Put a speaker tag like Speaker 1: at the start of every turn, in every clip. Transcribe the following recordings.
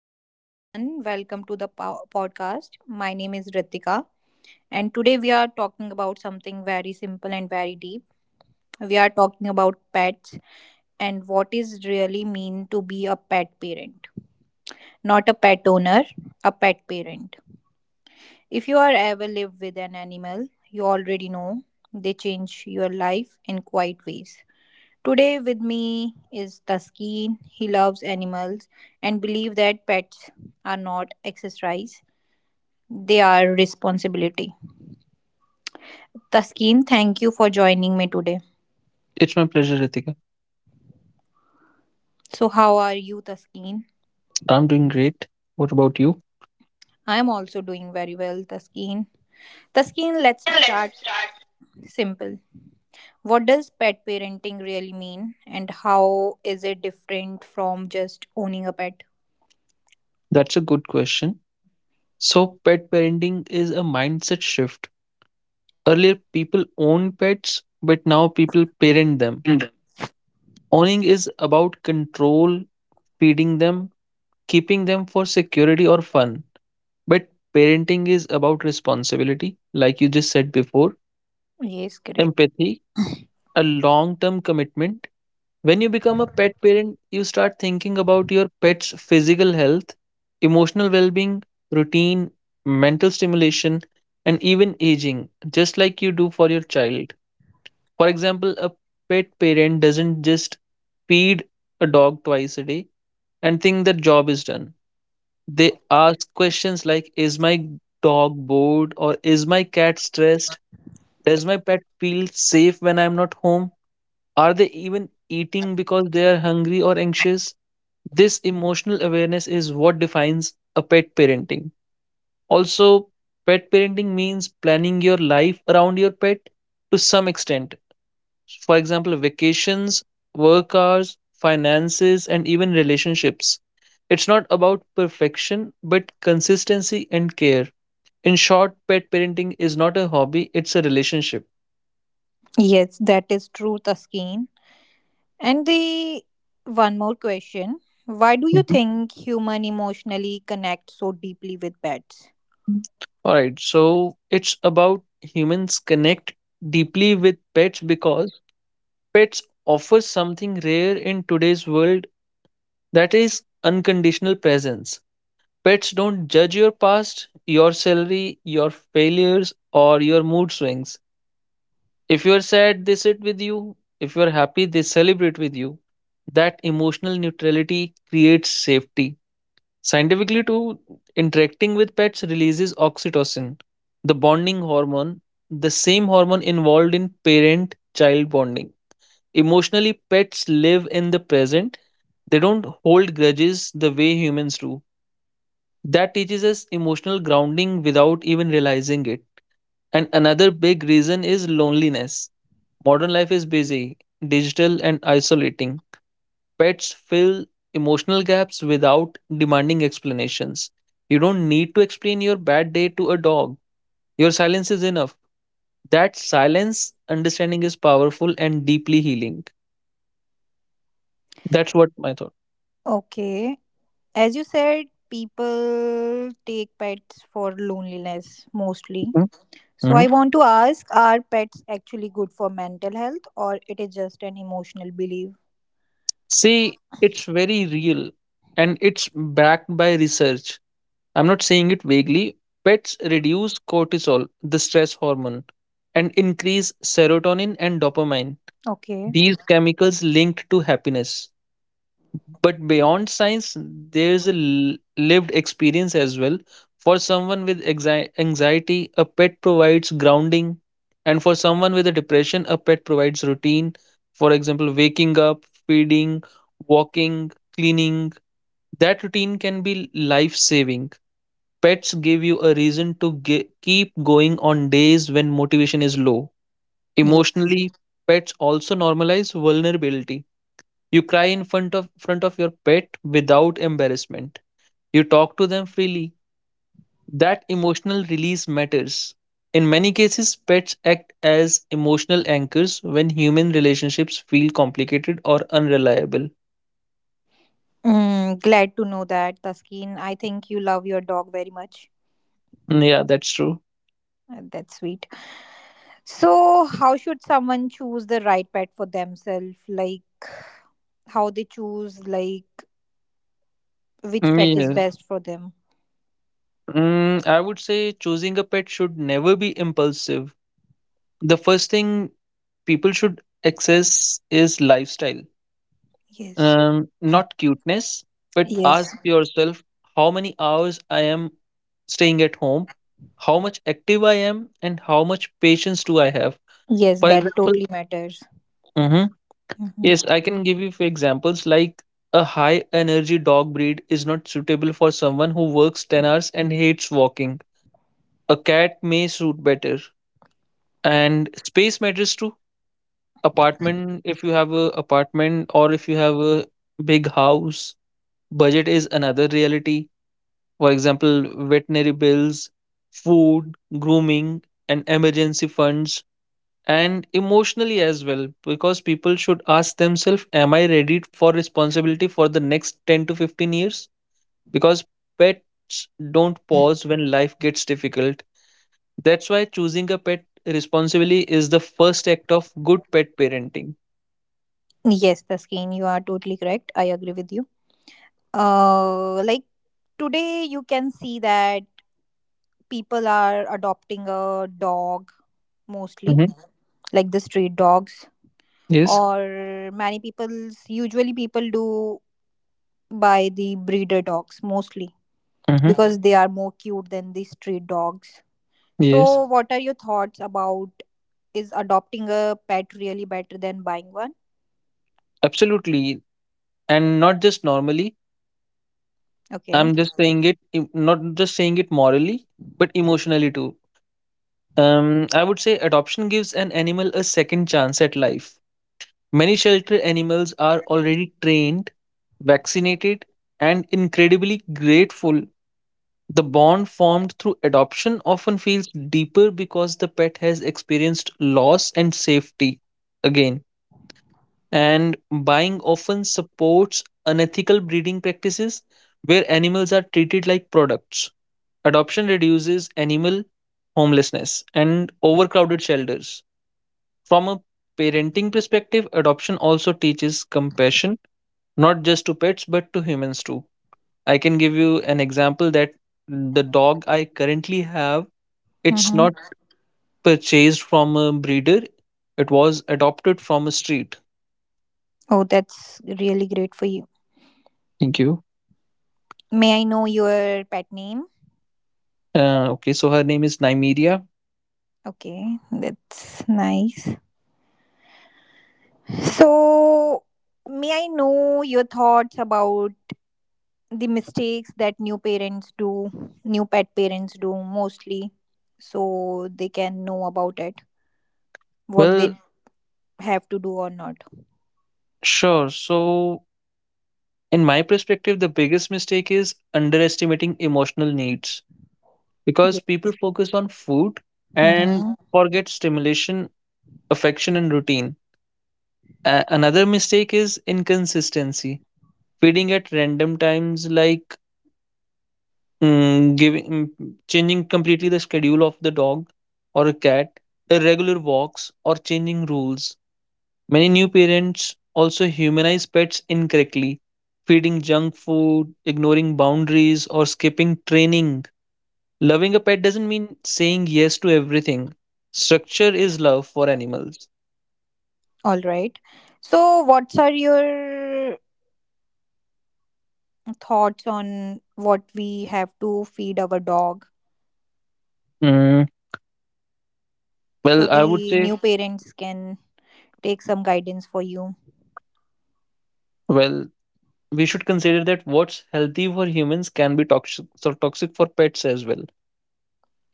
Speaker 1: Hello, everyone. Welcome to the podcast. My name is Ritika, and today we are talking about something very simple and very deep. We are talking about pets and what is really mean to be a pet parent. Not a pet owner, a pet parent. If you are ever lived with an animal, you already know they change your life in quite ways. Today with me is Taskeen. He loves animals and believe that pets are not exercise their responsibility. Taskeen, thank you for joining me today.
Speaker 2: It's my pleasure, Ritika.
Speaker 1: So, how are you, Taskeen?
Speaker 2: I'm doing great. What about you?
Speaker 1: I am also doing very well, Taskeen. Taskeen, let's
Speaker 2: Yeah, let's
Speaker 1: start
Speaker 2: start.
Speaker 1: simple. What does pet parenting really mean, and how is it different from just owning a pet?
Speaker 2: That's a good question. So, pet parenting is a mindset shift. Earlier, people owned pets, but now people parent them.
Speaker 1: And
Speaker 2: Owning is about control, feeding them, keeping them for security or fun. But parenting is about responsibility, like you just said before,
Speaker 1: yes, correct.
Speaker 2: empathy, a long term commitment. When you become a pet parent, you start thinking about your pet's physical health, emotional well being, routine, mental stimulation, and even aging, just like you do for your child. For example, a pet parent doesn't just feed a dog twice a day and think that job is done. They ask questions like, is my dog bored? Or is my cat stressed? Does my pet feel safe when I'm not home? Are they even eating because they are hungry or anxious? This emotional awareness is what defines a pet parenting. Also, pet parenting means planning your life around your pet to some extent. For example, vacations, work hours, finances, and even relationships. It's not about perfection, but consistency and care. In short, pet parenting is not a hobby, it's a relationship.
Speaker 1: Yes, that is true, Taskeen. And the one more question, why do you
Speaker 2: Mhm.
Speaker 1: think human emotionally connect so deeply with pets?
Speaker 2: All right, so it's about humans connect deeply with pets because pets offer something rare in today's world, that is unconditional presence. Pets don't judge your past, your salary, your failures, or your mood swings. If you're sad, they sit with you. If you're happy, they celebrate with you. That emotional neutrality creates safety. Scientifically, too, interacting with pets releases oxytocin, the bonding hormone, the same hormone involved in parent child bonding. Emotionally, pets live in the present. They don't hold grudges the way humans do. That teaches us emotional grounding without even realizing it. And another big reason is loneliness. Modern life is busy, digital, and isolating. Pets fill emotional gaps without demanding explanations. You don't need to explain your bad day to a dog. Your silence is enough. That silence understanding is powerful and deeply healing. That's what my thought.
Speaker 1: Okay, as you said, people take pets for loneliness mostly. So I
Speaker 2: Mhm.
Speaker 1: want to ask, are pets actually good for mental health or it is just an emotional belief?
Speaker 2: See, it's very real and it's backed by research. I'm not saying it vaguely. Pets reduce cortisol, the stress hormone, and increase serotonin and dopamine,
Speaker 1: Okay.
Speaker 2: these chemicals linked to happiness. But beyond science, there's lived experience as well. For someone with anxiety, a pet provides grounding. And for someone with a depression, a pet provides routine. For example, waking up, feeding, walking, cleaning. That routine can be life saving. Pets give you a reason to keep going on days when motivation is low.
Speaker 1: Yes.
Speaker 2: Emotionally, pets also normalize vulnerability. You cry in front of your pet without embarrassment. You talk to them freely. That emotional release matters. In many cases, pets act as emotional anchors when human relationships feel complicated or unreliable.
Speaker 1: Mm, glad to know that, Taskin. I think you love your dog very much.
Speaker 2: Yeah, that's true.
Speaker 1: That's sweet. So, how should someone choose the right pet for themselves? Like, how they choose, like, which
Speaker 2: Mm,
Speaker 1: pet is
Speaker 2: Yeah.
Speaker 1: best for them?
Speaker 2: I would say choosing a pet should never be impulsive. The first thing people should access is lifestyle.
Speaker 1: Yes.
Speaker 2: Not cuteness, but
Speaker 1: Yes.
Speaker 2: ask yourself how many hours I am staying at home, how much active I am, and how much patience do I have.
Speaker 1: Yes,
Speaker 2: For
Speaker 1: that
Speaker 2: example,
Speaker 1: totally matters.
Speaker 2: Mhm. Yes,
Speaker 1: Hmm.
Speaker 2: I can give you few examples like a high energy dog breed is not suitable for someone who works 10 hours and hates walking. A cat may suit better. And space matters too. Apartment, if you have a apartment or if you have a big house, budget is another reality. For example, veterinary bills, food, grooming, and emergency funds, and emotionally as well, because people should ask themselves, am I ready for responsibility for the next 10 to 15 years? Because pets don't pause when life gets difficult. That's why choosing a pet responsibly is the first act of good pet parenting.
Speaker 1: Yes, Taskin, you are totally correct. I agree with you. Like today, you can see that people are adopting a dog mostly,
Speaker 2: Hmm.
Speaker 1: like the street dogs,
Speaker 2: Yes.
Speaker 1: or many people's usually people do buy the breeder dogs mostly
Speaker 2: Hmm.
Speaker 1: because they are more cute than the street dogs.
Speaker 2: Yes.
Speaker 1: So, what are your thoughts about is adopting a pet really better than buying one?
Speaker 2: Absolutely. And not just normally.
Speaker 1: Okay.
Speaker 2: I'm just saying it, em- Not just saying it morally, but emotionally too. I would say adoption gives an animal a second chance at life. Many shelter animals are already trained, vaccinated, and incredibly grateful. The bond formed through adoption often feels deeper because the pet has experienced loss and safety again. And buying often supports unethical breeding practices where animals are treated like products. Adoption reduces animal homelessness and overcrowded shelters. From a parenting perspective, adoption also teaches compassion, not just to pets, but to humans too. I can give you an example that the dog I currently have, it's
Speaker 1: Mm-hmm.
Speaker 2: not purchased from a breeder, it was adopted from a street.
Speaker 1: Oh, that's really great for you.
Speaker 2: Thank you.
Speaker 1: May I know your pet name?
Speaker 2: Okay, so her name is Nymeria.
Speaker 1: Okay, that's nice. So, may I know your thoughts about the mistakes that new parents do, new pet parents do mostly, so they can know about it, what they
Speaker 2: Well,
Speaker 1: have to do or not?
Speaker 2: sure. So in my perspective, the biggest mistake is underestimating emotional needs, because
Speaker 1: Yeah.
Speaker 2: people focus on food and
Speaker 1: Mm-hmm.
Speaker 2: forget stimulation, affection, and routine. Another mistake is inconsistency, feeding at random times, like giving, changing completely the schedule of the dog or a cat, irregular walks, or changing rules. Many new parents also humanize pets incorrectly, feeding junk food, ignoring boundaries, or skipping training. Loving a pet doesn't mean saying yes to everything. Structure is love for animals.
Speaker 1: All right. So, what are your thoughts on what we have to feed our dog
Speaker 2: Mm,
Speaker 1: so
Speaker 2: well, I would
Speaker 1: the
Speaker 2: say,
Speaker 1: new parents can take some guidance for you.
Speaker 2: well, we should consider that what's healthy for humans can be toxic, so toxic for pets as well.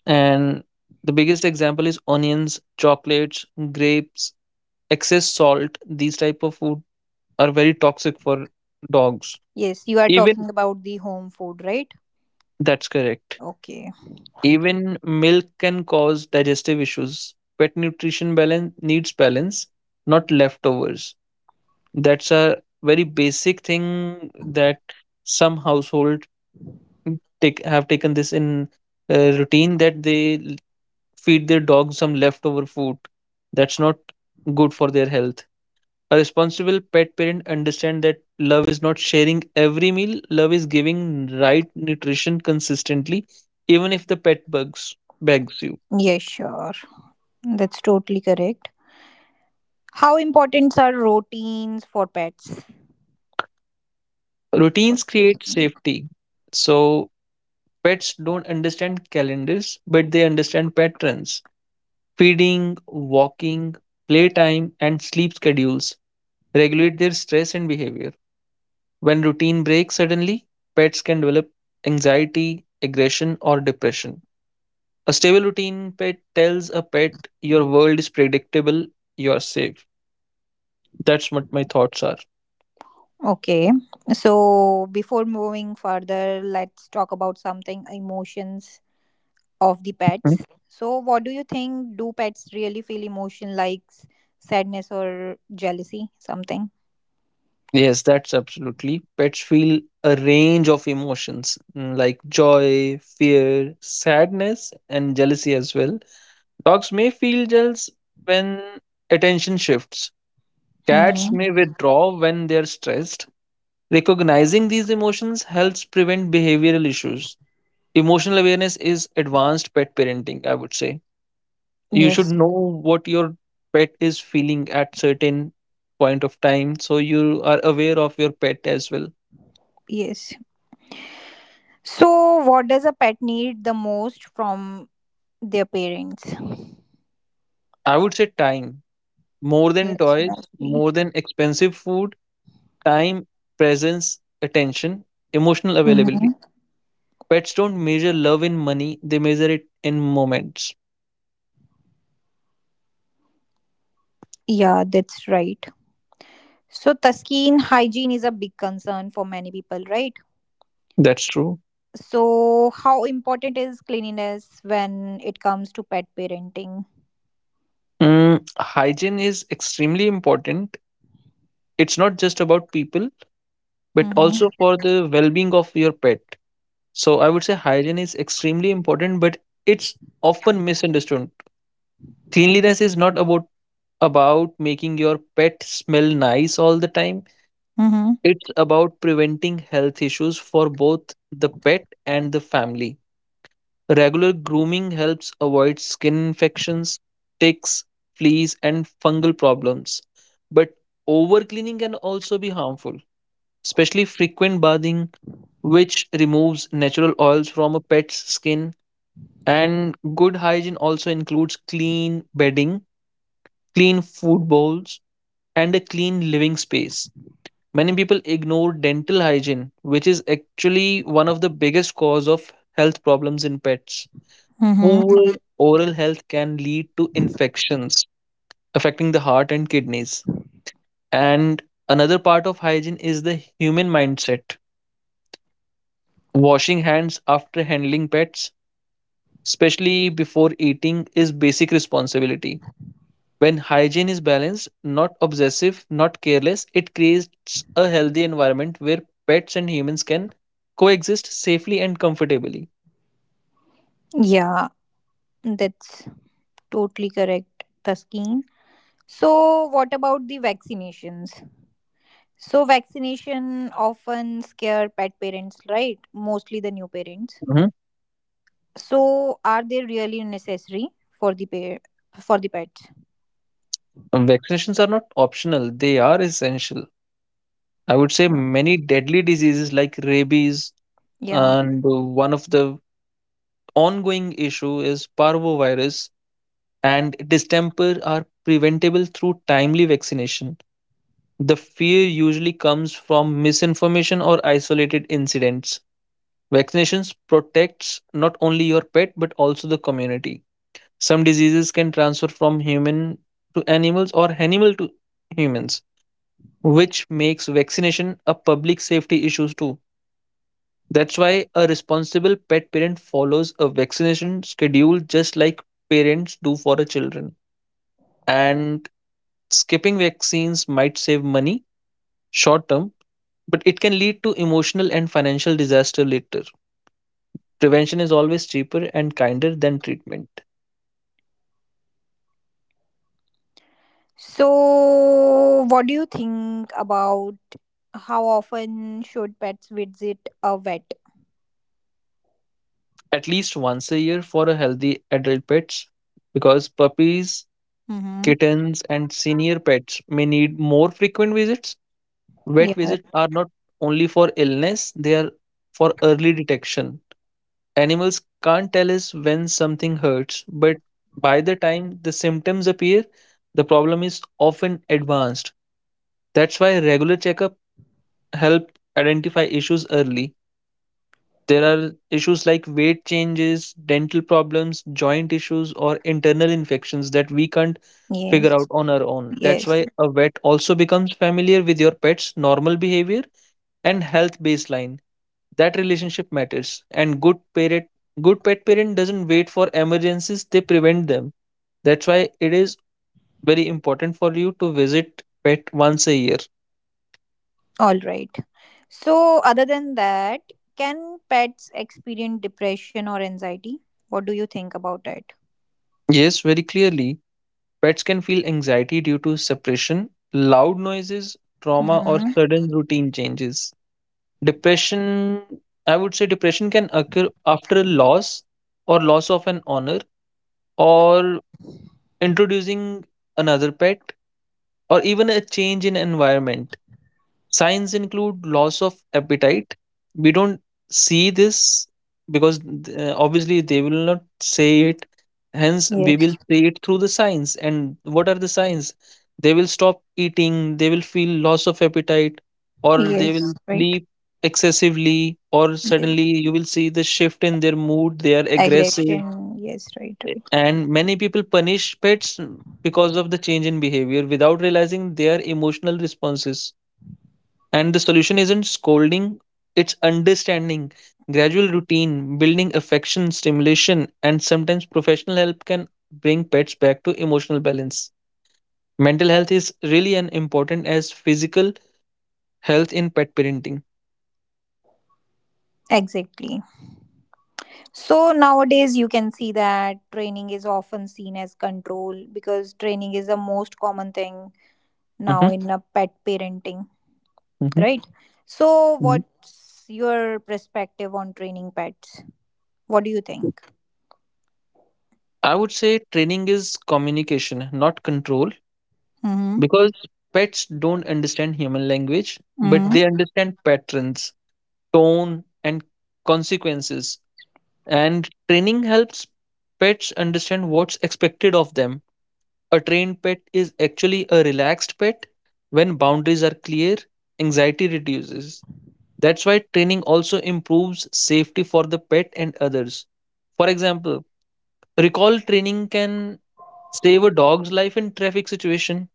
Speaker 2: And the biggest example is onions, chocolates, grapes, excess salt. These type of food are very toxic for dogs.
Speaker 1: Yes, you are
Speaker 2: Even
Speaker 1: talking about the home food, right?
Speaker 2: that's correct.
Speaker 1: Okay.
Speaker 2: Even milk can cause digestive issues. Pet nutrition balance needs balance, not leftovers. That's a very basic thing that some household take have taken this in routine, that feed their dog some leftover food. That's not good for their health. A responsible pet parent understands that love is not sharing every meal, love is giving right nutrition consistently, even if the pet bugs begs you.
Speaker 1: Yes, sure. That's totally correct. How important are routines for pets? What
Speaker 2: Routines
Speaker 1: do you
Speaker 2: create
Speaker 1: think?
Speaker 2: safety. So pets don't understand calendars, but they understand patterns. Feeding, walking, playtime, and sleep schedules regulate their stress and behavior. When routine breaks suddenly, pets can develop anxiety, aggression, or depression. A stable routine pet tells a pet your world is predictable, you're safe. That's what my thoughts are.
Speaker 1: Okay. So before moving further, let's talk about something emotions of the pets.
Speaker 2: Mhm.
Speaker 1: So what do you think? Do pets really feel emotion like sadness or jealousy? Something?
Speaker 2: Yes, that's absolutely. Pets feel a range of emotions, like joy, fear, sadness, and jealousy as well. Dogs may feel jealous when attention shifts. Cats
Speaker 1: Mm-hmm.
Speaker 2: may withdraw when they're stressed. Recognizing these emotions helps prevent behavioral issues. Emotional awareness is advanced pet parenting, I would say. You should
Speaker 1: Yes.
Speaker 2: know what your pet is feeling at certain point of time, so you are aware of your pet as well.
Speaker 1: Yes. So, what does a pet need the most from their parents?
Speaker 2: I would say time, more than
Speaker 1: Yes,
Speaker 2: toys,
Speaker 1: mostly.
Speaker 2: more than expensive food. Time, presence, attention, emotional availability.
Speaker 1: Mhm.
Speaker 2: Pets don't measure love in money, they measure it in moments.
Speaker 1: Yeah, that's right. So, Taskeen, hygiene is a big concern for many people, right?
Speaker 2: That's true.
Speaker 1: So, how important is cleanliness when it comes to pet parenting?
Speaker 2: Hygiene is extremely important, it's not just about people, but also
Speaker 1: Mm-hmm.
Speaker 2: for the well-being of your pet. So I would say hygiene is extremely important, but it's often misunderstood. Cleanliness is not about making your pet smell nice all the time.
Speaker 1: Mm-hmm.
Speaker 2: It's about preventing health issues for both the pet and the family. Regular grooming helps avoid skin infections, ticks, fleas, and fungal problems. But over cleaning can also be harmful, especially frequent bathing, which removes natural oils from a pet's skin. And good hygiene also includes clean bedding, clean food bowls, and a clean living space. Many people ignore dental hygiene, which is actually one of the biggest cause of health problems in pets. Poor
Speaker 1: Mm-hmm.
Speaker 2: oral health can lead to infections affecting the heart and kidneys. And another part of hygiene is the human mindset. Washing hands after handling pets, especially before eating, is basic responsibility. When hygiene is balanced, not obsessive, not careless, it creates a healthy environment where pets and humans can coexist safely and comfortably.
Speaker 1: Yeah, that's totally correct, Taskeen. So, what about the vaccinations? So vaccination often scare pet parents, right? Mostly the new parents.
Speaker 2: Hmm.
Speaker 1: So are they really necessary for the for the pets?
Speaker 2: Vaccinations are not optional, they are essential. I would say
Speaker 1: Yeah.
Speaker 2: many deadly diseases like rabies,
Speaker 1: Yeah.
Speaker 2: and one of the ongoing issue is parvovirus and distemper, are preventable through timely vaccination. The fear usually comes from misinformation or isolated incidents. Vaccinations protects not only your pet but also the community. Some diseases can transfer from human to animals or animal to humans, which makes vaccination a public safety issue too. That's why a responsible pet parent follows a vaccination schedule just like parents do for the children. And skipping vaccines might save money short term, but it can lead to emotional and financial disaster later. Prevention is always cheaper and kinder than treatment.
Speaker 1: So what do you think about how often should pets visit a vet?
Speaker 2: At least once a year for a healthy adult pets, because puppies,
Speaker 1: Mm-hmm.
Speaker 2: kittens, and senior pets may need more frequent visits. Vet
Speaker 1: Yeah, right.
Speaker 2: visits are not only for illness, they are for early detection. Animals can't tell us when something hurts, but by the time the symptoms appear, the problem is often advanced. That's why regular checkup help identify issues early. There are issues like weight changes, dental problems, joint issues, or internal infections that we can't
Speaker 1: Yes.
Speaker 2: figure out on our own. That's
Speaker 1: Yes.
Speaker 2: why a vet also becomes familiar with your pet's normal behavior and health baseline. That relationship matters. And good parent, good pet parent doesn't wait for emergencies; they prevent them. That's why it is very important for you to visit pet once a year.
Speaker 1: All right. So other than that, can pets experience depression or anxiety? What do you think about it?
Speaker 2: Yes, very clearly. Pets can feel anxiety due to suppression, loud noises, trauma, or
Speaker 1: Mm-hmm.
Speaker 2: sudden routine changes. Depression, I would say, depression can occur after a loss or loss of an honor or introducing another pet or even a change in environment. Signs include loss of appetite. We don't see this because obviously they will not say it. Hence, we will
Speaker 1: Yes.
Speaker 2: see it through the signs. And what are the signs? They will stop eating, they will feel loss of appetite, or they
Speaker 1: Yes,
Speaker 2: will
Speaker 1: right.
Speaker 2: sleep excessively, or
Speaker 1: Yes.
Speaker 2: suddenly you will see the shift in their mood. They are aggressive.
Speaker 1: Aggression. Yes, right, right.
Speaker 2: And many people punish pets because of the change in behavior without realizing their emotional responses. And the solution isn't scolding, it's understanding. Gradual routine, building affection, stimulation, and sometimes professional help can bring pets back to emotional balance. Mental health is really an important as physical health in pet parenting.
Speaker 1: Exactly. So nowadays, you can see that training is often seen as control because training is the most common thing now
Speaker 2: Mhm,
Speaker 1: in a pet parenting,
Speaker 2: mhm,
Speaker 1: right? So,
Speaker 2: mhm.
Speaker 1: what's your perspective on training pets? What do you think?
Speaker 2: I would say training is communication, not control,
Speaker 1: Mm-hmm.
Speaker 2: because pets don't understand human language, but they
Speaker 1: Mm-hmm.
Speaker 2: understand patterns, tone, and consequences. And training helps pets understand what's expected of them. A trained pet is actually a relaxed pet. When boundaries are clear, anxiety reduces. That's why training also improves safety for the pet and others. For example, recall training can save a dog's life in traffic situation.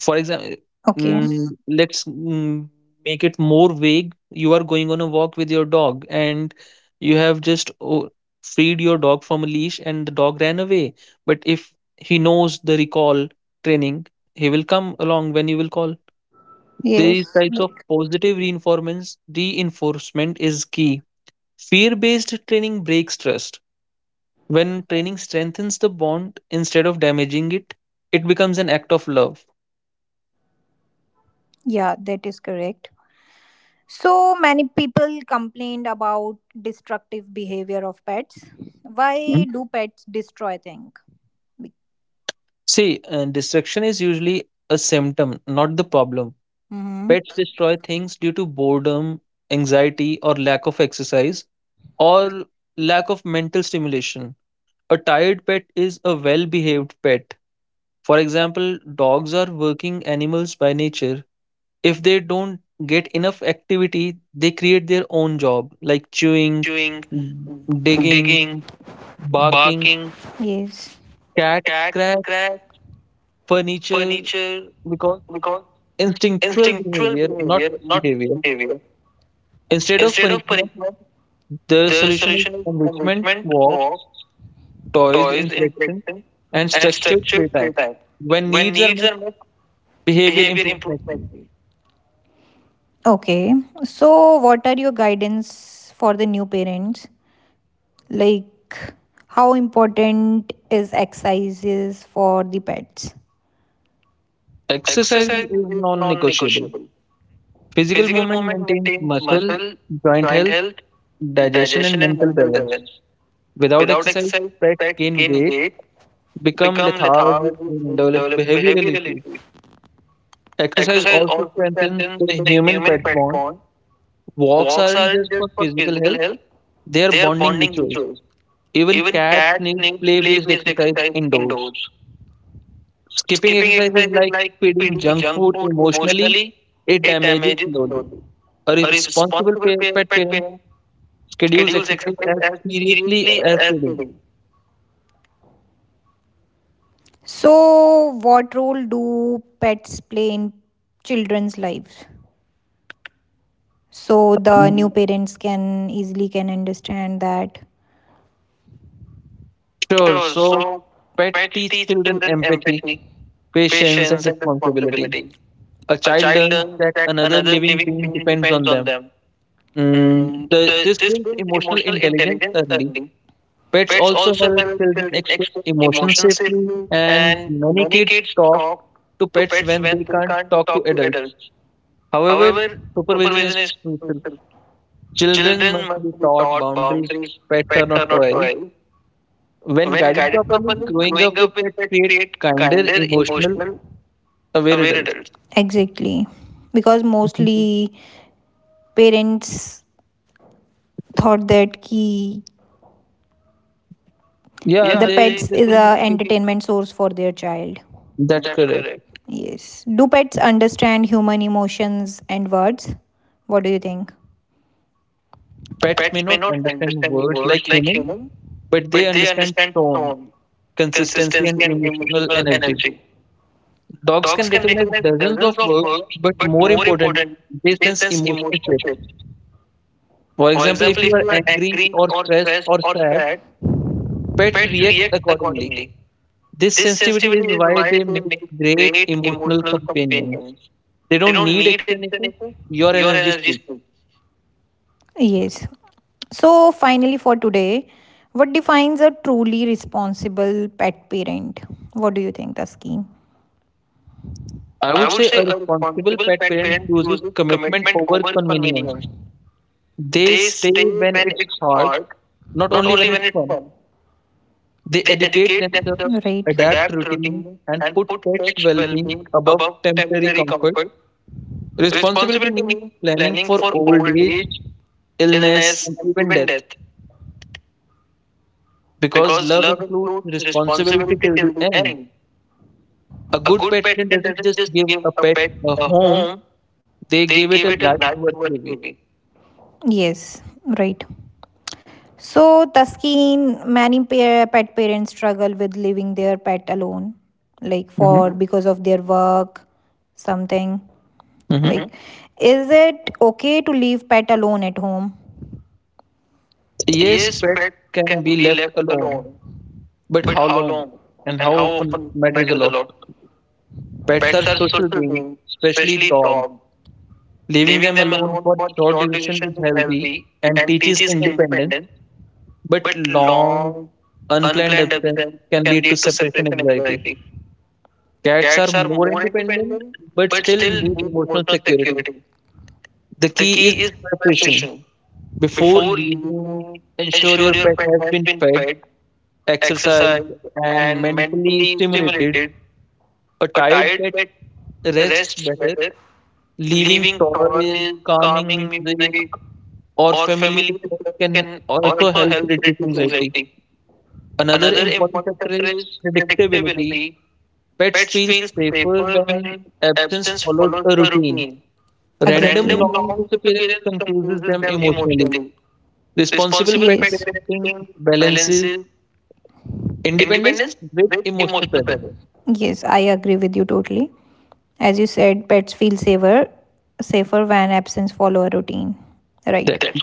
Speaker 2: For example,
Speaker 1: Okay.
Speaker 2: let's make it more vague. You are going on a walk with your dog, and you have just freed your dog from a leash, and the dog ran away. But if he knows the recall training, he will come along when you will call. These
Speaker 1: Yes.
Speaker 2: types of positive reinforcements, reinforcement is key. Fear based training breaks trust. When training strengthens the bond instead of damaging it, it becomes an act of love.
Speaker 1: Yeah, that is correct. So many people complained about destructive behavior of pets. Why do pets destroy things?
Speaker 2: See, distraction is usually a symptom, not the problem. Pets
Speaker 1: Mm-hmm.
Speaker 2: destroy things due to boredom, anxiety, or lack of exercise, or lack of mental stimulation. A tired pet is a well behaved pet. For example, dogs are working animals by nature. If they don't get enough activity, they create their own job, like chewing,
Speaker 1: Chewing,
Speaker 2: digging,
Speaker 1: digging,
Speaker 2: barking,
Speaker 1: barking, yes.
Speaker 2: cats
Speaker 1: Cat
Speaker 2: scratch
Speaker 1: scratch,
Speaker 2: furniture
Speaker 1: furniture,
Speaker 2: because
Speaker 1: because
Speaker 2: instinctual
Speaker 1: instinctual
Speaker 2: behavior,
Speaker 1: behavior,
Speaker 2: not
Speaker 1: not
Speaker 2: forced behavior.
Speaker 1: behavior.
Speaker 2: Instead of
Speaker 1: Instead of
Speaker 2: punishment,
Speaker 1: punishment,
Speaker 2: the
Speaker 1: the
Speaker 2: solution is
Speaker 1: solution is
Speaker 2: enrichment,
Speaker 1: enrichment,
Speaker 2: walk,
Speaker 1: walks,
Speaker 2: toys,
Speaker 1: toys,
Speaker 2: interaction,
Speaker 1: interaction,
Speaker 2: and
Speaker 1: and
Speaker 2: structured
Speaker 1: structured
Speaker 2: playtime.
Speaker 1: playtime.
Speaker 2: When
Speaker 1: When
Speaker 2: needs are
Speaker 1: needs
Speaker 2: met,
Speaker 1: are met,
Speaker 2: behavior
Speaker 1: behavior
Speaker 2: improves
Speaker 1: improves
Speaker 2: naturally.
Speaker 1: naturally. Okay. So, what are your guidance for the new parents? Like, how important is exercises for the pets?
Speaker 2: Exercise is
Speaker 1: Exercise is
Speaker 2: non
Speaker 1: non
Speaker 2: negotiable.
Speaker 1: negotiable.
Speaker 2: Physical
Speaker 1: Physical
Speaker 2: movement
Speaker 1: movement
Speaker 2: maintains
Speaker 1: maintains
Speaker 2: muscle,
Speaker 1: muscle,
Speaker 2: joint
Speaker 1: joint
Speaker 2: health,
Speaker 1: health,
Speaker 2: digestion, and
Speaker 1: digestion, and
Speaker 2: mental
Speaker 1: mental
Speaker 2: balance.
Speaker 1: balance.
Speaker 2: Without
Speaker 1: Without
Speaker 2: exercise,
Speaker 1: exercise,
Speaker 2: pets
Speaker 1: pets
Speaker 2: gain
Speaker 1: gain
Speaker 2: weight,
Speaker 1: weight,
Speaker 2: become
Speaker 1: become lethargic,
Speaker 2: lethargic, and
Speaker 1: and
Speaker 2: develop
Speaker 1: develop
Speaker 2: behavioral
Speaker 1: behavioral
Speaker 2: issues.
Speaker 1: issues.
Speaker 2: Exercise
Speaker 1: Exercise
Speaker 2: also
Speaker 1: also
Speaker 2: strengthens
Speaker 1: strengthens
Speaker 2: the
Speaker 1: the
Speaker 2: human pet
Speaker 1: human pet
Speaker 2: bond.
Speaker 1: bond.
Speaker 2: Walks
Speaker 1: Walks
Speaker 2: aren't just
Speaker 1: aren't just
Speaker 2: for
Speaker 1: for
Speaker 2: physical
Speaker 1: physical
Speaker 2: health.
Speaker 1: health,
Speaker 2: Their
Speaker 1: their
Speaker 2: bonding
Speaker 1: bonding
Speaker 2: rituals.
Speaker 1: rituals.
Speaker 2: Even
Speaker 1: Even
Speaker 2: cats
Speaker 1: cats
Speaker 2: need
Speaker 1: need
Speaker 2: play
Speaker 1: play
Speaker 2: based
Speaker 1: based
Speaker 2: exercise
Speaker 1: exercise
Speaker 2: indoors.
Speaker 1: indoors.
Speaker 2: Skipping
Speaker 1: Skipping
Speaker 2: exercise is
Speaker 1: exercise is
Speaker 2: like
Speaker 1: like
Speaker 2: feeding
Speaker 1: feeding
Speaker 2: junk
Speaker 1: junk
Speaker 2: food
Speaker 1: food
Speaker 2: emotionally,
Speaker 1: emotionally,
Speaker 2: it
Speaker 1: it
Speaker 2: damages
Speaker 1: damages
Speaker 2: slowly.
Speaker 1: slowly.
Speaker 2: A
Speaker 1: A responsible
Speaker 2: pet
Speaker 1: pet
Speaker 2: parent
Speaker 1: parent
Speaker 2: schedules
Speaker 1: schedules
Speaker 2: exercise
Speaker 1: exercise
Speaker 2: as
Speaker 1: as
Speaker 2: seriously
Speaker 1: seriously
Speaker 2: as
Speaker 1: as
Speaker 2: feeding.
Speaker 1: they. So, what role do pets play in children's lives? So the new parents can easily can understand that.
Speaker 2: Sure,
Speaker 1: Sure.
Speaker 2: so
Speaker 1: So,
Speaker 2: pets
Speaker 1: pets
Speaker 2: teach
Speaker 1: teach
Speaker 2: children
Speaker 1: children
Speaker 2: empathy,
Speaker 1: empathy,
Speaker 2: patience, and
Speaker 1: patience, and
Speaker 2: responsibility.
Speaker 1: responsibility.
Speaker 2: A
Speaker 1: A
Speaker 2: child
Speaker 1: child
Speaker 2: learns
Speaker 1: learns
Speaker 2: that
Speaker 1: that
Speaker 2: another
Speaker 1: another
Speaker 2: living
Speaker 1: living
Speaker 2: being
Speaker 1: being
Speaker 2: depends
Speaker 1: depends
Speaker 2: on
Speaker 1: on
Speaker 2: them.
Speaker 1: them.
Speaker 2: This
Speaker 1: This
Speaker 2: builds
Speaker 1: builds
Speaker 2: emotional
Speaker 1: emotional
Speaker 2: intelligence
Speaker 1: intelligence
Speaker 2: early.
Speaker 1: early.
Speaker 2: Pets
Speaker 1: Pets
Speaker 2: also
Speaker 1: also
Speaker 2: help
Speaker 1: help
Speaker 2: children
Speaker 1: children
Speaker 2: express
Speaker 1: express
Speaker 2: emotions
Speaker 1: emotions
Speaker 2: safely,
Speaker 1: safely,
Speaker 2: and
Speaker 1: and
Speaker 2: many
Speaker 1: many
Speaker 2: kids
Speaker 1: kids
Speaker 2: talk
Speaker 1: talk
Speaker 2: to
Speaker 1: to
Speaker 2: pets
Speaker 1: pets
Speaker 2: when they
Speaker 1: when they
Speaker 2: can't
Speaker 1: can't
Speaker 2: talk to
Speaker 1: talk to
Speaker 2: adults.
Speaker 1: adults.
Speaker 2: However,
Speaker 1: However,
Speaker 2: supervision is
Speaker 1: supervision is
Speaker 2: crucial.
Speaker 1: crucial.
Speaker 2: Children
Speaker 1: Children
Speaker 2: must be
Speaker 1: must be
Speaker 2: taught
Speaker 1: taught
Speaker 2: boundaries.
Speaker 1: boundaries.
Speaker 2: Pets are
Speaker 1: Pets are
Speaker 2: not
Speaker 1: not
Speaker 2: toys.
Speaker 1: toys.
Speaker 2: When
Speaker 1: When
Speaker 2: guided
Speaker 1: guided
Speaker 2: properly,
Speaker 1: properly,
Speaker 2: growing
Speaker 1: growing
Speaker 2: up with
Speaker 1: up with
Speaker 2: pets
Speaker 1: pets
Speaker 2: create
Speaker 1: create
Speaker 2: kinder,
Speaker 1: kinder,
Speaker 2: emotional,
Speaker 1: emotional,
Speaker 2: aware
Speaker 1: aware
Speaker 2: adults.
Speaker 1: adults. Exactly. Because
Speaker 2: Mhm.
Speaker 1: mostly parents thought that ki,
Speaker 2: Yeah,
Speaker 1: yeah, the
Speaker 2: they
Speaker 1: pets
Speaker 2: just
Speaker 1: is
Speaker 2: be
Speaker 1: a
Speaker 2: kids.
Speaker 1: entertainment source for their child.
Speaker 2: That's
Speaker 1: That's
Speaker 2: correct.
Speaker 1: correct. Yes. Do pets understand human emotions and words? What do you think?
Speaker 2: Pets may
Speaker 1: Pets may
Speaker 2: not
Speaker 1: not
Speaker 2: understand
Speaker 1: understand
Speaker 2: words
Speaker 1: words
Speaker 2: like
Speaker 1: like
Speaker 2: humans,
Speaker 1: humans,
Speaker 2: but they
Speaker 1: but they
Speaker 2: understand
Speaker 1: understand
Speaker 2: tone,
Speaker 1: tone,
Speaker 2: consistency, and
Speaker 1: consistency, and
Speaker 2: emotional
Speaker 1: emotional
Speaker 2: energy.
Speaker 1: energy.
Speaker 2: Dogs
Speaker 1: Dogs
Speaker 2: can
Speaker 1: can
Speaker 2: recognize
Speaker 1: recognize
Speaker 2: dozens
Speaker 1: dozens
Speaker 2: of
Speaker 1: of
Speaker 2: words,
Speaker 1: words,
Speaker 2: but
Speaker 1: but
Speaker 2: more
Speaker 1: more
Speaker 2: importantly,
Speaker 1: important,
Speaker 2: they
Speaker 1: they
Speaker 2: sense
Speaker 1: sense
Speaker 2: emotional
Speaker 1: emotional
Speaker 2: shifts.
Speaker 1: shifts.
Speaker 2: For
Speaker 1: For
Speaker 2: example, if
Speaker 1: example,
Speaker 2: you
Speaker 1: if
Speaker 2: are
Speaker 1: you are
Speaker 2: angry
Speaker 1: angry
Speaker 2: or
Speaker 1: or
Speaker 2: stressed
Speaker 1: stressed
Speaker 2: or
Speaker 1: or
Speaker 2: sad,
Speaker 1: sad,
Speaker 2: pets
Speaker 1: pets
Speaker 2: react
Speaker 1: react
Speaker 2: accordingly.
Speaker 1: accordingly.
Speaker 2: This
Speaker 1: This
Speaker 2: sensitivity is
Speaker 1: sensitivity is
Speaker 2: why
Speaker 1: why
Speaker 2: they
Speaker 1: they
Speaker 2: make
Speaker 1: make
Speaker 2: great
Speaker 1: great
Speaker 2: emotional
Speaker 1: emotional
Speaker 2: companions.
Speaker 1: companions.
Speaker 2: They
Speaker 1: They
Speaker 2: don't
Speaker 1: don't
Speaker 2: need
Speaker 1: need
Speaker 2: explanations,
Speaker 1: explanation,
Speaker 2: your
Speaker 1: your
Speaker 2: energy
Speaker 1: energy
Speaker 2: speaks.
Speaker 1: speaks. Yes. So, finally, for today, what defines a truly responsible pet parent? What do you think, Taskeen?
Speaker 2: I
Speaker 1: I
Speaker 2: would
Speaker 1: would
Speaker 2: say
Speaker 1: say
Speaker 2: a
Speaker 1: a
Speaker 2: responsible
Speaker 1: responsible
Speaker 2: pet
Speaker 1: pet
Speaker 2: parent
Speaker 1: parent
Speaker 2: chooses
Speaker 1: chooses
Speaker 2: commitment
Speaker 1: commitment
Speaker 2: over
Speaker 1: over
Speaker 2: convenience.
Speaker 1: convenience.
Speaker 2: They
Speaker 1: They
Speaker 2: stay
Speaker 1: stay
Speaker 2: when
Speaker 1: when
Speaker 2: it's
Speaker 1: it's
Speaker 2: hard,
Speaker 1: hard,
Speaker 2: not
Speaker 1: not
Speaker 2: only
Speaker 1: only
Speaker 2: when
Speaker 1: when
Speaker 2: it's
Speaker 1: it's
Speaker 2: fun.
Speaker 1: fun.
Speaker 2: They
Speaker 1: They
Speaker 2: educate
Speaker 1: educate
Speaker 2: themselves,
Speaker 1: themselves, right,
Speaker 2: adapt
Speaker 1: adapt
Speaker 2: routines,
Speaker 1: routine,
Speaker 2: and
Speaker 1: and
Speaker 2: put
Speaker 1: put
Speaker 2: pets'
Speaker 1: pets'
Speaker 2: well
Speaker 1: well
Speaker 2: being
Speaker 1: being
Speaker 2: above
Speaker 1: above
Speaker 2: temporary
Speaker 1: temporary
Speaker 2: comfort.
Speaker 1: comfort.
Speaker 2: Responsibility
Speaker 1: Responsibility
Speaker 2: means
Speaker 1: means
Speaker 2: planning
Speaker 1: planning
Speaker 2: for
Speaker 1: for
Speaker 2: old
Speaker 1: old
Speaker 2: age,
Speaker 1: age,
Speaker 2: illness,
Speaker 1: illness,
Speaker 2: and
Speaker 1: and
Speaker 2: even
Speaker 1: even
Speaker 2: death
Speaker 1: death.
Speaker 2: because
Speaker 1: Because
Speaker 2: love
Speaker 1: love
Speaker 2: includes
Speaker 1: includes
Speaker 2: responsibility
Speaker 1: responsibility
Speaker 2: till the
Speaker 1: till the
Speaker 2: end.
Speaker 1: end.
Speaker 2: A
Speaker 1: A
Speaker 2: good
Speaker 1: good
Speaker 2: pet parent
Speaker 1: pet parent
Speaker 2: doesn't just
Speaker 1: doesn't just
Speaker 2: give
Speaker 1: give
Speaker 2: a
Speaker 1: a
Speaker 2: pet
Speaker 1: pet
Speaker 2: a
Speaker 1: a
Speaker 2: home,
Speaker 1: home,
Speaker 2: they
Speaker 1: they
Speaker 2: give it
Speaker 1: give
Speaker 2: a
Speaker 1: it a
Speaker 2: life
Speaker 1: life
Speaker 2: worth
Speaker 1: worth
Speaker 2: living.
Speaker 1: living. Yes, right. So, Taskeen, many pet parents struggle with leaving their pet alone, like
Speaker 2: Mhm,
Speaker 1: for hmm because of their work, something. Hmm.
Speaker 2: mhm.
Speaker 1: Like, mm-hmm, is it okay to leave pet alone at home?
Speaker 2: Yes,
Speaker 1: Yes,
Speaker 2: pets
Speaker 1: pet
Speaker 2: can
Speaker 1: can
Speaker 2: be
Speaker 1: be
Speaker 2: left
Speaker 1: left
Speaker 2: alone,
Speaker 1: alone,
Speaker 2: but
Speaker 1: but
Speaker 2: how
Speaker 1: how
Speaker 2: long
Speaker 1: long
Speaker 2: and how
Speaker 1: and how
Speaker 2: often
Speaker 1: often
Speaker 2: matters a
Speaker 1: matters a
Speaker 2: lot.
Speaker 1: lot.
Speaker 2: Pets are
Speaker 1: Pets are
Speaker 2: social
Speaker 1: social
Speaker 2: beings,
Speaker 1: beings,
Speaker 2: especially
Speaker 1: especially
Speaker 2: dogs.
Speaker 1: dogs.
Speaker 2: Leaving
Speaker 1: Leaving
Speaker 2: them
Speaker 1: them
Speaker 2: alone
Speaker 1: alone
Speaker 2: for
Speaker 1: for
Speaker 2: short
Speaker 1: short
Speaker 2: duration
Speaker 1: duration
Speaker 2: is
Speaker 1: is
Speaker 2: healthy
Speaker 1: healthy
Speaker 2: and
Speaker 1: and
Speaker 2: teaches
Speaker 1: teaches
Speaker 2: independence,
Speaker 1: independence,
Speaker 2: but
Speaker 1: but
Speaker 2: long,
Speaker 1: long,
Speaker 2: unplanned
Speaker 1: unplanned
Speaker 2: absence
Speaker 1: absence
Speaker 2: can
Speaker 1: can
Speaker 2: lead to
Speaker 1: lead to
Speaker 2: separation
Speaker 1: separation
Speaker 2: anxiety.
Speaker 1: anxiety.
Speaker 2: Cats
Speaker 1: Cats
Speaker 2: are
Speaker 1: are
Speaker 2: more
Speaker 1: more
Speaker 2: independent
Speaker 1: independent
Speaker 2: but
Speaker 1: but
Speaker 2: still
Speaker 1: still
Speaker 2: need
Speaker 1: need
Speaker 2: emotional
Speaker 1: emotional
Speaker 2: security.
Speaker 1: security.
Speaker 2: The
Speaker 1: The
Speaker 2: key is
Speaker 1: key is
Speaker 2: preparation.
Speaker 1: preparation.
Speaker 2: Before
Speaker 1: Before
Speaker 2: leaving,
Speaker 1: leaving,
Speaker 2: ensure
Speaker 1: ensure
Speaker 2: your
Speaker 1: your
Speaker 2: pet
Speaker 1: pet
Speaker 2: has
Speaker 1: has
Speaker 2: been
Speaker 1: been
Speaker 2: fed,
Speaker 1: fed,
Speaker 2: exercised,
Speaker 1: exercised,
Speaker 2: and
Speaker 1: and
Speaker 2: mentally
Speaker 1: mentally
Speaker 2: stimulated.
Speaker 1: stimulated.
Speaker 2: A
Speaker 1: A
Speaker 2: tired
Speaker 1: tired
Speaker 2: pet
Speaker 1: pet
Speaker 2: rests
Speaker 1: rests
Speaker 2: better.
Speaker 1: better.
Speaker 2: Leaving
Speaker 1: Leaving
Speaker 2: toys,
Speaker 1: toys,
Speaker 2: calming
Speaker 1: calming
Speaker 2: music,
Speaker 1: music,
Speaker 2: or
Speaker 1: or
Speaker 2: familiar
Speaker 1: familiar
Speaker 2: sounds
Speaker 1: sounds
Speaker 2: can
Speaker 1: can
Speaker 2: also
Speaker 1: also
Speaker 2: help
Speaker 1: help
Speaker 2: reduce
Speaker 1: reduce
Speaker 2: anxiety.
Speaker 1: anxiety.
Speaker 2: Another
Speaker 1: Another
Speaker 2: important
Speaker 1: important
Speaker 2: factor
Speaker 1: factor
Speaker 2: is
Speaker 1: is
Speaker 2: predictability.
Speaker 1: predictability.
Speaker 2: Pets
Speaker 1: Pets
Speaker 2: feel
Speaker 1: feel
Speaker 2: safer
Speaker 1: safer
Speaker 2: when
Speaker 1: when
Speaker 2: absence
Speaker 1: absence
Speaker 2: follows
Speaker 1: follows
Speaker 2: a
Speaker 1: a
Speaker 2: routine.
Speaker 1: routine. Exactly.
Speaker 2: Random
Speaker 1: Random, exactly,
Speaker 2: long
Speaker 1: long
Speaker 2: disappearance
Speaker 1: disappearance
Speaker 2: confuses
Speaker 1: confuses
Speaker 2: them
Speaker 1: them
Speaker 2: emotionally.
Speaker 1: emotionally.
Speaker 2: Responsible
Speaker 1: Responsible,
Speaker 2: pet
Speaker 1: yes, pet, yes,
Speaker 2: parenting
Speaker 1: parenting
Speaker 2: balances
Speaker 1: balances
Speaker 2: independence
Speaker 1: independence
Speaker 2: with
Speaker 1: with
Speaker 2: emotional
Speaker 1: emotional
Speaker 2: presence.
Speaker 1: balance. Yes, I agree with you totally. As you said, pets feel safer when absence follow a routine. Right.
Speaker 2: That's
Speaker 1: That's
Speaker 2: it.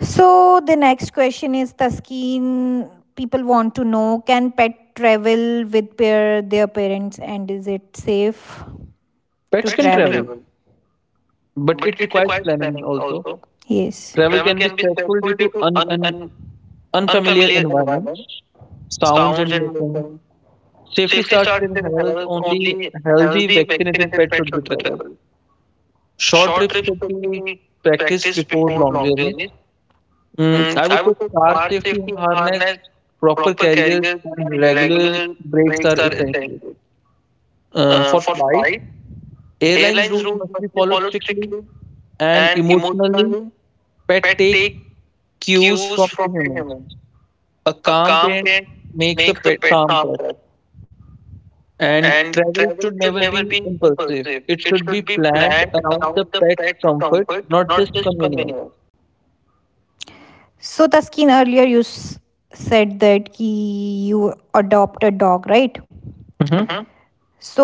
Speaker 1: so the next question is Taskeen. People want to know: can pet travel with pair, their parents, and is it safe to
Speaker 2: Pets
Speaker 1: pets
Speaker 2: can
Speaker 1: travel? Can
Speaker 2: travel,
Speaker 1: travel?
Speaker 2: but
Speaker 1: But
Speaker 2: it
Speaker 1: it
Speaker 2: requires
Speaker 1: requires
Speaker 2: planning
Speaker 1: planning
Speaker 2: also.
Speaker 1: also. Yes.
Speaker 2: Travel
Speaker 1: Travel
Speaker 2: can be
Speaker 1: can be
Speaker 2: stressful
Speaker 1: stressful
Speaker 2: due
Speaker 1: due
Speaker 2: to
Speaker 1: to
Speaker 2: unfamiliar
Speaker 1: unfamiliar
Speaker 2: environments,
Speaker 1: environments,
Speaker 2: sounds
Speaker 1: sounds,
Speaker 2: and
Speaker 1: and
Speaker 2: motion.
Speaker 1: motion.
Speaker 2: Safety
Speaker 1: Safety
Speaker 2: starts
Speaker 1: starts
Speaker 2: with
Speaker 1: in
Speaker 2: health.
Speaker 1: health.
Speaker 2: Only
Speaker 1: Only
Speaker 2: healthy
Speaker 1: healthy,
Speaker 2: vaccinated
Speaker 1: vaccinated
Speaker 2: pets
Speaker 1: pets
Speaker 2: should be
Speaker 1: should be
Speaker 2: traveled.
Speaker 1: traveled.
Speaker 2: Short
Speaker 1: Short
Speaker 2: trips
Speaker 1: trips
Speaker 2: should
Speaker 1: should
Speaker 2: be
Speaker 1: be
Speaker 2: practiced
Speaker 1: practiced
Speaker 2: before
Speaker 1: before
Speaker 2: long
Speaker 1: long
Speaker 2: journeys.
Speaker 1: journeys.
Speaker 2: I
Speaker 1: I
Speaker 2: would say
Speaker 1: would say
Speaker 2: car
Speaker 1: car
Speaker 2: safety
Speaker 1: safety
Speaker 2: harness,
Speaker 1: harness,
Speaker 2: proper
Speaker 1: proper
Speaker 2: carriers,
Speaker 1: carriers,
Speaker 2: and
Speaker 1: and
Speaker 2: regular
Speaker 1: regular
Speaker 2: breaks
Speaker 1: brakes
Speaker 2: are
Speaker 1: are
Speaker 2: essential.
Speaker 1: essential.
Speaker 2: For
Speaker 1: For
Speaker 2: flight,
Speaker 1: flight,
Speaker 2: airlines
Speaker 1: airlines
Speaker 2: rules
Speaker 1: rules
Speaker 2: must be
Speaker 1: must be
Speaker 2: followed
Speaker 1: followed
Speaker 2: strictly
Speaker 1: strictly,
Speaker 2: and
Speaker 1: and
Speaker 2: emotionally.
Speaker 1: emotionally,
Speaker 2: Pet
Speaker 1: pet
Speaker 2: take
Speaker 1: take
Speaker 2: cues
Speaker 1: cues
Speaker 2: from
Speaker 1: from
Speaker 2: their
Speaker 1: the
Speaker 2: humans.
Speaker 1: humans.
Speaker 2: A
Speaker 1: A
Speaker 2: calm
Speaker 1: calm
Speaker 2: parent
Speaker 1: parent
Speaker 2: makes a
Speaker 1: makes a
Speaker 2: pet
Speaker 1: pet
Speaker 2: calm pet.
Speaker 1: calmer,
Speaker 2: And
Speaker 1: and
Speaker 2: travel
Speaker 1: travel
Speaker 2: should
Speaker 1: should
Speaker 2: never
Speaker 1: never
Speaker 2: be
Speaker 1: be
Speaker 2: impulsive.
Speaker 1: impulsive.
Speaker 2: It
Speaker 1: It
Speaker 2: should
Speaker 1: should
Speaker 2: be
Speaker 1: be
Speaker 2: planned
Speaker 1: planned
Speaker 2: around the
Speaker 1: around the
Speaker 2: pet's
Speaker 1: pet's
Speaker 2: comfort,
Speaker 1: comfort,
Speaker 2: not
Speaker 1: not
Speaker 2: just
Speaker 1: just
Speaker 2: convenience.
Speaker 1: convenience. So Taskeen, earlier you said that ki you adopt a dog, right?
Speaker 2: Mhm.
Speaker 1: Mhm. So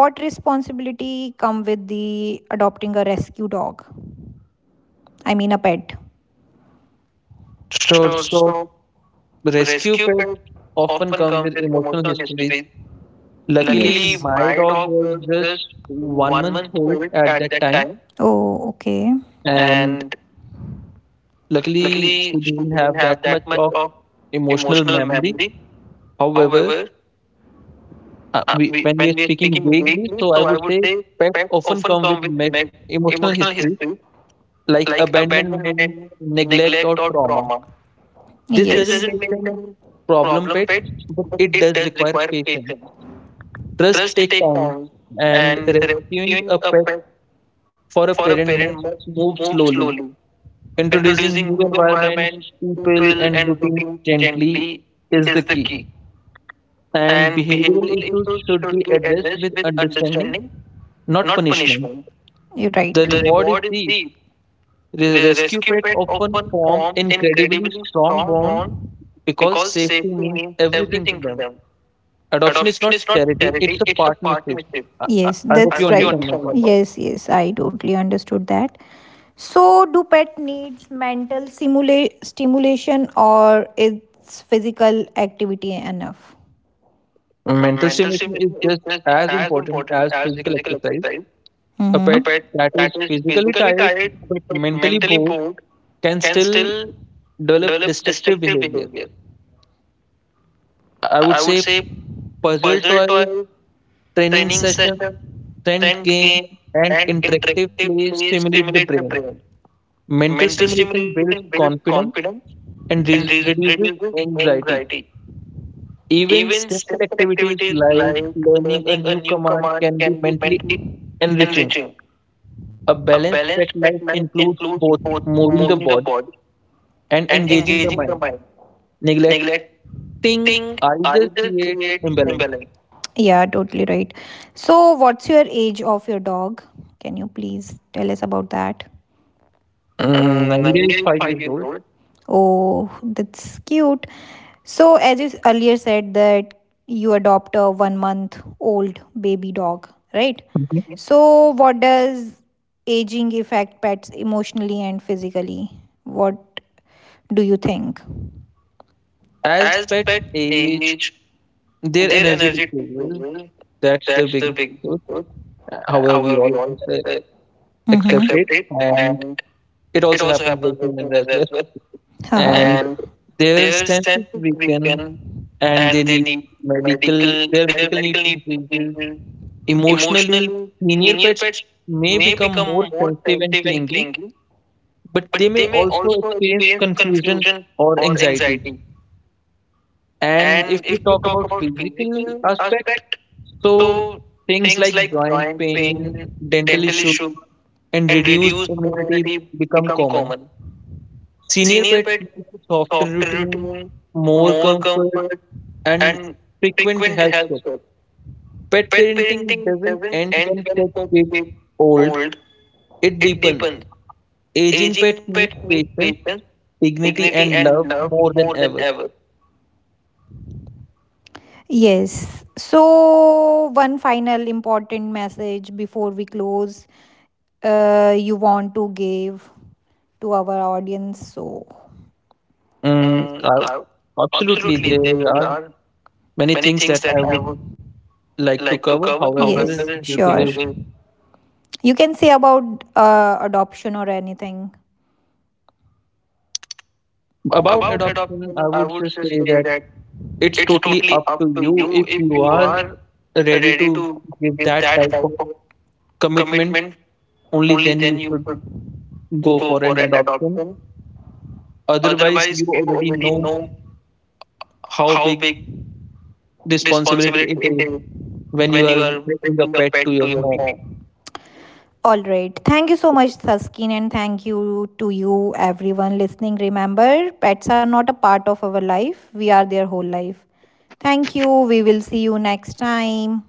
Speaker 1: what responsibility come with the adopting a rescue dog? I mean a pet.
Speaker 2: Sure.
Speaker 1: Sure.
Speaker 2: So
Speaker 1: So
Speaker 2: rescue
Speaker 1: rescue
Speaker 2: pets
Speaker 1: pet
Speaker 2: often
Speaker 1: often
Speaker 2: come
Speaker 1: come
Speaker 2: with
Speaker 1: with
Speaker 2: emotional
Speaker 1: emotional
Speaker 2: histories.
Speaker 1: history.
Speaker 2: Luckily,
Speaker 1: Luckily, yes,
Speaker 2: my
Speaker 1: my
Speaker 2: dog
Speaker 1: dog
Speaker 2: was
Speaker 1: was
Speaker 2: just
Speaker 1: just
Speaker 2: one
Speaker 1: one
Speaker 2: month
Speaker 1: month
Speaker 2: old
Speaker 1: old
Speaker 2: at
Speaker 1: at
Speaker 2: that
Speaker 1: that
Speaker 2: time,
Speaker 1: time, oh, okay,
Speaker 2: and
Speaker 1: and
Speaker 2: luckily, she
Speaker 1: luckily she
Speaker 2: didn't
Speaker 1: didn't
Speaker 2: have
Speaker 1: have
Speaker 2: that much
Speaker 1: that much
Speaker 2: of
Speaker 1: of
Speaker 2: emotional
Speaker 1: emotional
Speaker 2: memory.
Speaker 1: memory.
Speaker 2: However,
Speaker 1: However,
Speaker 2: when we
Speaker 1: when
Speaker 2: are
Speaker 1: we are
Speaker 2: speaking
Speaker 1: speaking
Speaker 2: vaguely,
Speaker 1: vaguely,
Speaker 2: so I
Speaker 1: so I
Speaker 2: would
Speaker 1: would
Speaker 2: say
Speaker 1: say
Speaker 2: pets
Speaker 1: pets
Speaker 2: often
Speaker 1: often
Speaker 2: come
Speaker 1: come
Speaker 2: with
Speaker 1: with
Speaker 2: emotional
Speaker 1: emotional
Speaker 2: histories
Speaker 1: history
Speaker 2: like
Speaker 1: like
Speaker 2: abandonment,
Speaker 1: abandonment,
Speaker 2: neglect, or
Speaker 1: neglect, or
Speaker 2: trauma.
Speaker 1: trauma. Yes.
Speaker 2: This
Speaker 1: This, yes,
Speaker 2: doesn't
Speaker 1: doesn't
Speaker 2: make
Speaker 1: make
Speaker 2: them
Speaker 1: them
Speaker 2: problem
Speaker 1: problem
Speaker 2: pets,
Speaker 1: pets,
Speaker 2: but
Speaker 1: but
Speaker 2: it
Speaker 1: it
Speaker 2: does
Speaker 1: does
Speaker 2: require
Speaker 1: require
Speaker 2: patience.
Speaker 1: patience.
Speaker 2: Trust
Speaker 1: Trust
Speaker 2: takes
Speaker 1: takes
Speaker 2: time,
Speaker 1: time,
Speaker 2: and
Speaker 1: and
Speaker 2: rescuing
Speaker 1: rescuing
Speaker 2: a
Speaker 1: a
Speaker 2: pet
Speaker 1: pet
Speaker 2: for a
Speaker 1: for a
Speaker 2: parent
Speaker 1: parent
Speaker 2: must
Speaker 1: must
Speaker 2: move
Speaker 1: move
Speaker 2: slowly.
Speaker 1: slowly.
Speaker 2: Introducing new
Speaker 1: Introducing new
Speaker 2: environments,
Speaker 1: environments,
Speaker 2: people,
Speaker 1: people,
Speaker 2: and
Speaker 1: and
Speaker 2: routines
Speaker 1: routines
Speaker 2: gently
Speaker 1: gently
Speaker 2: is the
Speaker 1: is the
Speaker 2: key.
Speaker 1: key.
Speaker 2: And
Speaker 1: And
Speaker 2: behavioral
Speaker 1: behavioral
Speaker 2: issues
Speaker 1: issues
Speaker 2: should
Speaker 1: should
Speaker 2: be
Speaker 1: be
Speaker 2: addressed
Speaker 1: addressed
Speaker 2: with
Speaker 1: with
Speaker 2: understanding,
Speaker 1: understanding,
Speaker 2: not
Speaker 1: not
Speaker 2: punishment.
Speaker 1: punishment. You're right.
Speaker 2: The
Speaker 1: The
Speaker 2: reward is
Speaker 1: reward is
Speaker 2: deep.
Speaker 1: deep.
Speaker 2: The
Speaker 1: The
Speaker 2: rescue
Speaker 1: rescue
Speaker 2: pets
Speaker 1: pet
Speaker 2: often
Speaker 1: often
Speaker 2: form
Speaker 1: form
Speaker 2: incredibly
Speaker 1: incredibly
Speaker 2: strong
Speaker 1: strong
Speaker 2: bonds
Speaker 1: bond
Speaker 2: because
Speaker 1: because
Speaker 2: safety
Speaker 1: safety
Speaker 2: means
Speaker 1: means
Speaker 2: everything to
Speaker 1: everything to
Speaker 2: them.
Speaker 1: them.
Speaker 2: Adoption is
Speaker 1: Adoption is
Speaker 2: not
Speaker 1: not
Speaker 2: charity,
Speaker 1: charity,
Speaker 2: it's a
Speaker 1: it's a
Speaker 2: partnership.
Speaker 1: partnership.
Speaker 2: I
Speaker 1: Yes,
Speaker 2: I hope
Speaker 1: that's
Speaker 2: you
Speaker 1: right.
Speaker 2: understand my point.
Speaker 1: Yes, yes, I totally understood that. So, do pet needs mental stimulation or is physical activity enough?
Speaker 2: Mental
Speaker 1: Mental
Speaker 2: stimulation is
Speaker 1: stimulation is
Speaker 2: just
Speaker 1: just
Speaker 2: as
Speaker 1: as
Speaker 2: important
Speaker 1: important
Speaker 2: as
Speaker 1: as
Speaker 2: physical
Speaker 1: physical
Speaker 2: exercise.
Speaker 1: exercise.
Speaker 2: A
Speaker 1: Mm-hmm. A
Speaker 2: pet
Speaker 1: pet
Speaker 2: that
Speaker 1: that
Speaker 2: is
Speaker 1: is
Speaker 2: physically
Speaker 1: physically
Speaker 2: tired
Speaker 1: tired
Speaker 2: but
Speaker 1: but
Speaker 2: mentally
Speaker 1: mentally
Speaker 2: bored
Speaker 1: bored
Speaker 2: can
Speaker 1: can
Speaker 2: still
Speaker 1: still
Speaker 2: develop
Speaker 1: develop
Speaker 2: destructive
Speaker 1: destructive
Speaker 2: behavior.
Speaker 1: behavior.
Speaker 2: I
Speaker 1: I
Speaker 2: would
Speaker 1: would
Speaker 2: say
Speaker 1: say
Speaker 2: puzzle
Speaker 1: puzzle
Speaker 2: toys,
Speaker 1: toy,
Speaker 2: training
Speaker 1: training
Speaker 2: sessions,
Speaker 1: session,
Speaker 2: scent
Speaker 1: scent
Speaker 2: games,
Speaker 1: game,
Speaker 2: and
Speaker 1: and
Speaker 2: interactive
Speaker 1: interactive
Speaker 2: play
Speaker 1: play
Speaker 2: stimulate the
Speaker 1: stimulate the
Speaker 2: brain.
Speaker 1: brain.
Speaker 2: Mental
Speaker 1: Mental
Speaker 2: stimulation builds
Speaker 1: stimulation builds
Speaker 2: confidence
Speaker 1: confidence
Speaker 2: and
Speaker 1: and
Speaker 2: reduces
Speaker 1: reduces
Speaker 2: anxiety.
Speaker 1: anxiety.
Speaker 2: Even
Speaker 1: Even
Speaker 2: simple
Speaker 1: simple
Speaker 2: activities
Speaker 1: activities
Speaker 2: like
Speaker 1: like
Speaker 2: learning a
Speaker 1: learning a
Speaker 2: new
Speaker 1: new
Speaker 2: command
Speaker 1: command
Speaker 2: can be
Speaker 1: can be
Speaker 2: mentally
Speaker 1: mentally
Speaker 2: enriching.
Speaker 1: enriching.
Speaker 2: A
Speaker 1: A
Speaker 2: balanced
Speaker 1: balanced
Speaker 2: pet
Speaker 1: pet
Speaker 2: life
Speaker 1: life
Speaker 2: includes
Speaker 1: includes
Speaker 2: both
Speaker 1: both
Speaker 2: moving the
Speaker 1: moving the
Speaker 2: body
Speaker 1: body
Speaker 2: and
Speaker 1: and
Speaker 2: engaging the
Speaker 1: engaging the
Speaker 2: mind.
Speaker 1: mind.
Speaker 2: Neglecting
Speaker 1: Neglecting
Speaker 2: either
Speaker 1: either
Speaker 2: creates
Speaker 1: creates
Speaker 2: imbalance.
Speaker 1: imbalance. Yeah, totally right. So, what's your age of your dog? Can you please tell us about that? Mm,
Speaker 2: Nine
Speaker 1: Nanga
Speaker 2: days,
Speaker 1: is
Speaker 2: five
Speaker 1: five
Speaker 2: years
Speaker 1: years
Speaker 2: old.
Speaker 1: old. Oh, that's cute. So, as you earlier said, that you adopt a 1 month old baby dog, right?
Speaker 2: Mhm.
Speaker 1: Mhm. So, what does aging affect pets emotionally and physically? What do you think?
Speaker 2: As
Speaker 1: As
Speaker 2: pet
Speaker 1: pet
Speaker 2: age,
Speaker 1: age,
Speaker 2: their
Speaker 1: their
Speaker 2: energy
Speaker 1: energy
Speaker 2: decreases.
Speaker 1: decreases.
Speaker 2: That's
Speaker 1: That's
Speaker 2: the
Speaker 1: the
Speaker 2: big
Speaker 1: big
Speaker 2: truth.
Speaker 1: truth.
Speaker 2: However,
Speaker 1: However,
Speaker 2: we
Speaker 1: we
Speaker 2: all
Speaker 1: all
Speaker 2: must,
Speaker 1: can say mm-hmm,
Speaker 2: accept it,
Speaker 1: accept it,
Speaker 2: and
Speaker 1: and
Speaker 2: it
Speaker 1: it
Speaker 2: also
Speaker 1: also
Speaker 2: happens with
Speaker 1: happens with
Speaker 2: humans as
Speaker 1: humans as
Speaker 2: well.
Speaker 1: well. Uh-huh.
Speaker 2: And
Speaker 1: And
Speaker 2: their
Speaker 1: their sense
Speaker 2: senses
Speaker 1: is
Speaker 2: weaken,
Speaker 1: weakened,
Speaker 2: and they
Speaker 1: and they
Speaker 2: need
Speaker 1: need
Speaker 2: medical.
Speaker 1: medical.
Speaker 2: Their
Speaker 1: Their
Speaker 2: medical
Speaker 1: medical
Speaker 2: needs
Speaker 1: needs
Speaker 2: increases.
Speaker 1: increases.
Speaker 2: Emotionally,
Speaker 1: Emotionally,
Speaker 2: senior
Speaker 1: senior
Speaker 2: pets
Speaker 1: pets
Speaker 2: may
Speaker 1: may
Speaker 2: become
Speaker 1: become
Speaker 2: more
Speaker 1: more
Speaker 2: sensitive
Speaker 1: sensitive
Speaker 2: and
Speaker 1: and
Speaker 2: clingy
Speaker 1: clingy,
Speaker 2: but
Speaker 1: but
Speaker 2: they
Speaker 1: they
Speaker 2: may
Speaker 1: may
Speaker 2: also
Speaker 1: also
Speaker 2: experience
Speaker 1: experience
Speaker 2: confusion
Speaker 1: confusion
Speaker 2: or
Speaker 1: or
Speaker 2: anxiety.
Speaker 1: anxiety.
Speaker 2: And
Speaker 1: And
Speaker 2: if
Speaker 1: if
Speaker 2: we
Speaker 1: we
Speaker 2: talk
Speaker 1: talk
Speaker 2: about
Speaker 1: about
Speaker 2: physical
Speaker 1: physical
Speaker 2: aspect,
Speaker 1: aspect,
Speaker 2: so
Speaker 1: so
Speaker 2: things
Speaker 1: things
Speaker 2: like
Speaker 1: like
Speaker 2: joint
Speaker 1: joint
Speaker 2: pain,
Speaker 1: pain,
Speaker 2: dental
Speaker 1: dental
Speaker 2: issues,
Speaker 1: issues,
Speaker 2: and
Speaker 1: and
Speaker 2: reduced
Speaker 1: reduced
Speaker 2: immunity
Speaker 1: immunity
Speaker 2: become
Speaker 1: become
Speaker 2: common.
Speaker 1: common.
Speaker 2: Senior
Speaker 1: Senior
Speaker 2: pets
Speaker 1: pets
Speaker 2: need
Speaker 1: need
Speaker 2: softer
Speaker 1: softer
Speaker 2: routine,
Speaker 1: routine,
Speaker 2: more
Speaker 1: more
Speaker 2: comfort,
Speaker 1: comfort,
Speaker 2: and
Speaker 1: and
Speaker 2: frequent
Speaker 1: frequent
Speaker 2: health
Speaker 1: health
Speaker 2: checks.
Speaker 1: checks.
Speaker 2: Pet
Speaker 1: Pet parenting
Speaker 2: parenting doesn't
Speaker 1: doesn't
Speaker 2: end
Speaker 1: end
Speaker 2: when
Speaker 1: when
Speaker 2: pets
Speaker 1: pets
Speaker 2: get
Speaker 1: get
Speaker 2: old;
Speaker 1: old;
Speaker 2: it
Speaker 1: it
Speaker 2: deepens.
Speaker 1: deepens.
Speaker 2: Aging pets
Speaker 1: Aging
Speaker 2: need
Speaker 1: pets need
Speaker 2: patience,
Speaker 1: patience,
Speaker 2: dignity,
Speaker 1: dignity,
Speaker 2: and
Speaker 1: and
Speaker 2: love
Speaker 1: love
Speaker 2: more than
Speaker 1: more than
Speaker 2: ever.
Speaker 1: ever. Yes. So, one final important message before we close, you want to give to our audience. So,
Speaker 2: Mm,
Speaker 1: Mm,
Speaker 2: I
Speaker 1: I,
Speaker 2: Absolutely,
Speaker 1: absolutely,
Speaker 2: there
Speaker 1: there
Speaker 2: are
Speaker 1: are
Speaker 2: many
Speaker 1: many
Speaker 2: things that
Speaker 1: things
Speaker 2: I
Speaker 1: that I
Speaker 2: would
Speaker 1: would
Speaker 2: like to
Speaker 1: like to
Speaker 2: cover.
Speaker 1: cover. Yes,
Speaker 2: However,
Speaker 1: however,
Speaker 2: due to
Speaker 1: sure,
Speaker 2: the
Speaker 1: today. You can say about adoption or anything.
Speaker 2: about
Speaker 1: About
Speaker 2: adoption, I
Speaker 1: adoption, I
Speaker 2: would
Speaker 1: would
Speaker 2: just
Speaker 1: just
Speaker 2: say
Speaker 1: say
Speaker 2: that
Speaker 1: that
Speaker 2: it's
Speaker 1: it's
Speaker 2: totally
Speaker 1: totally
Speaker 2: up to
Speaker 1: up to
Speaker 2: you.
Speaker 1: you
Speaker 2: If
Speaker 1: if
Speaker 2: you
Speaker 1: you
Speaker 2: are
Speaker 1: are
Speaker 2: ready
Speaker 1: ready
Speaker 2: to
Speaker 1: to
Speaker 2: give
Speaker 1: give
Speaker 2: that
Speaker 1: that
Speaker 2: type of
Speaker 1: type of
Speaker 2: commitment,
Speaker 1: commitment,
Speaker 2: only
Speaker 1: only
Speaker 2: then
Speaker 1: then
Speaker 2: you
Speaker 1: you
Speaker 2: should
Speaker 1: should
Speaker 2: go
Speaker 1: go
Speaker 2: for
Speaker 1: for
Speaker 2: an
Speaker 1: an
Speaker 2: adoption.
Speaker 1: adoption.
Speaker 2: Otherwise,
Speaker 1: Otherwise,
Speaker 2: you
Speaker 1: you
Speaker 2: already
Speaker 1: already
Speaker 2: know
Speaker 1: know
Speaker 2: how
Speaker 1: how
Speaker 2: big
Speaker 1: big
Speaker 2: responsibility
Speaker 1: responsibility
Speaker 2: it
Speaker 1: it
Speaker 2: is
Speaker 1: is
Speaker 2: when you
Speaker 1: when you
Speaker 2: are
Speaker 1: are
Speaker 2: bringing a
Speaker 1: bringing a
Speaker 2: pet to
Speaker 1: pet to
Speaker 2: your
Speaker 1: your
Speaker 2: home.
Speaker 1: home. All right. Thank you so much, Saskin, and thank you to you, everyone listening. Remember, pets are not a part of our life, we are their whole life. Thank you. We will see you next time.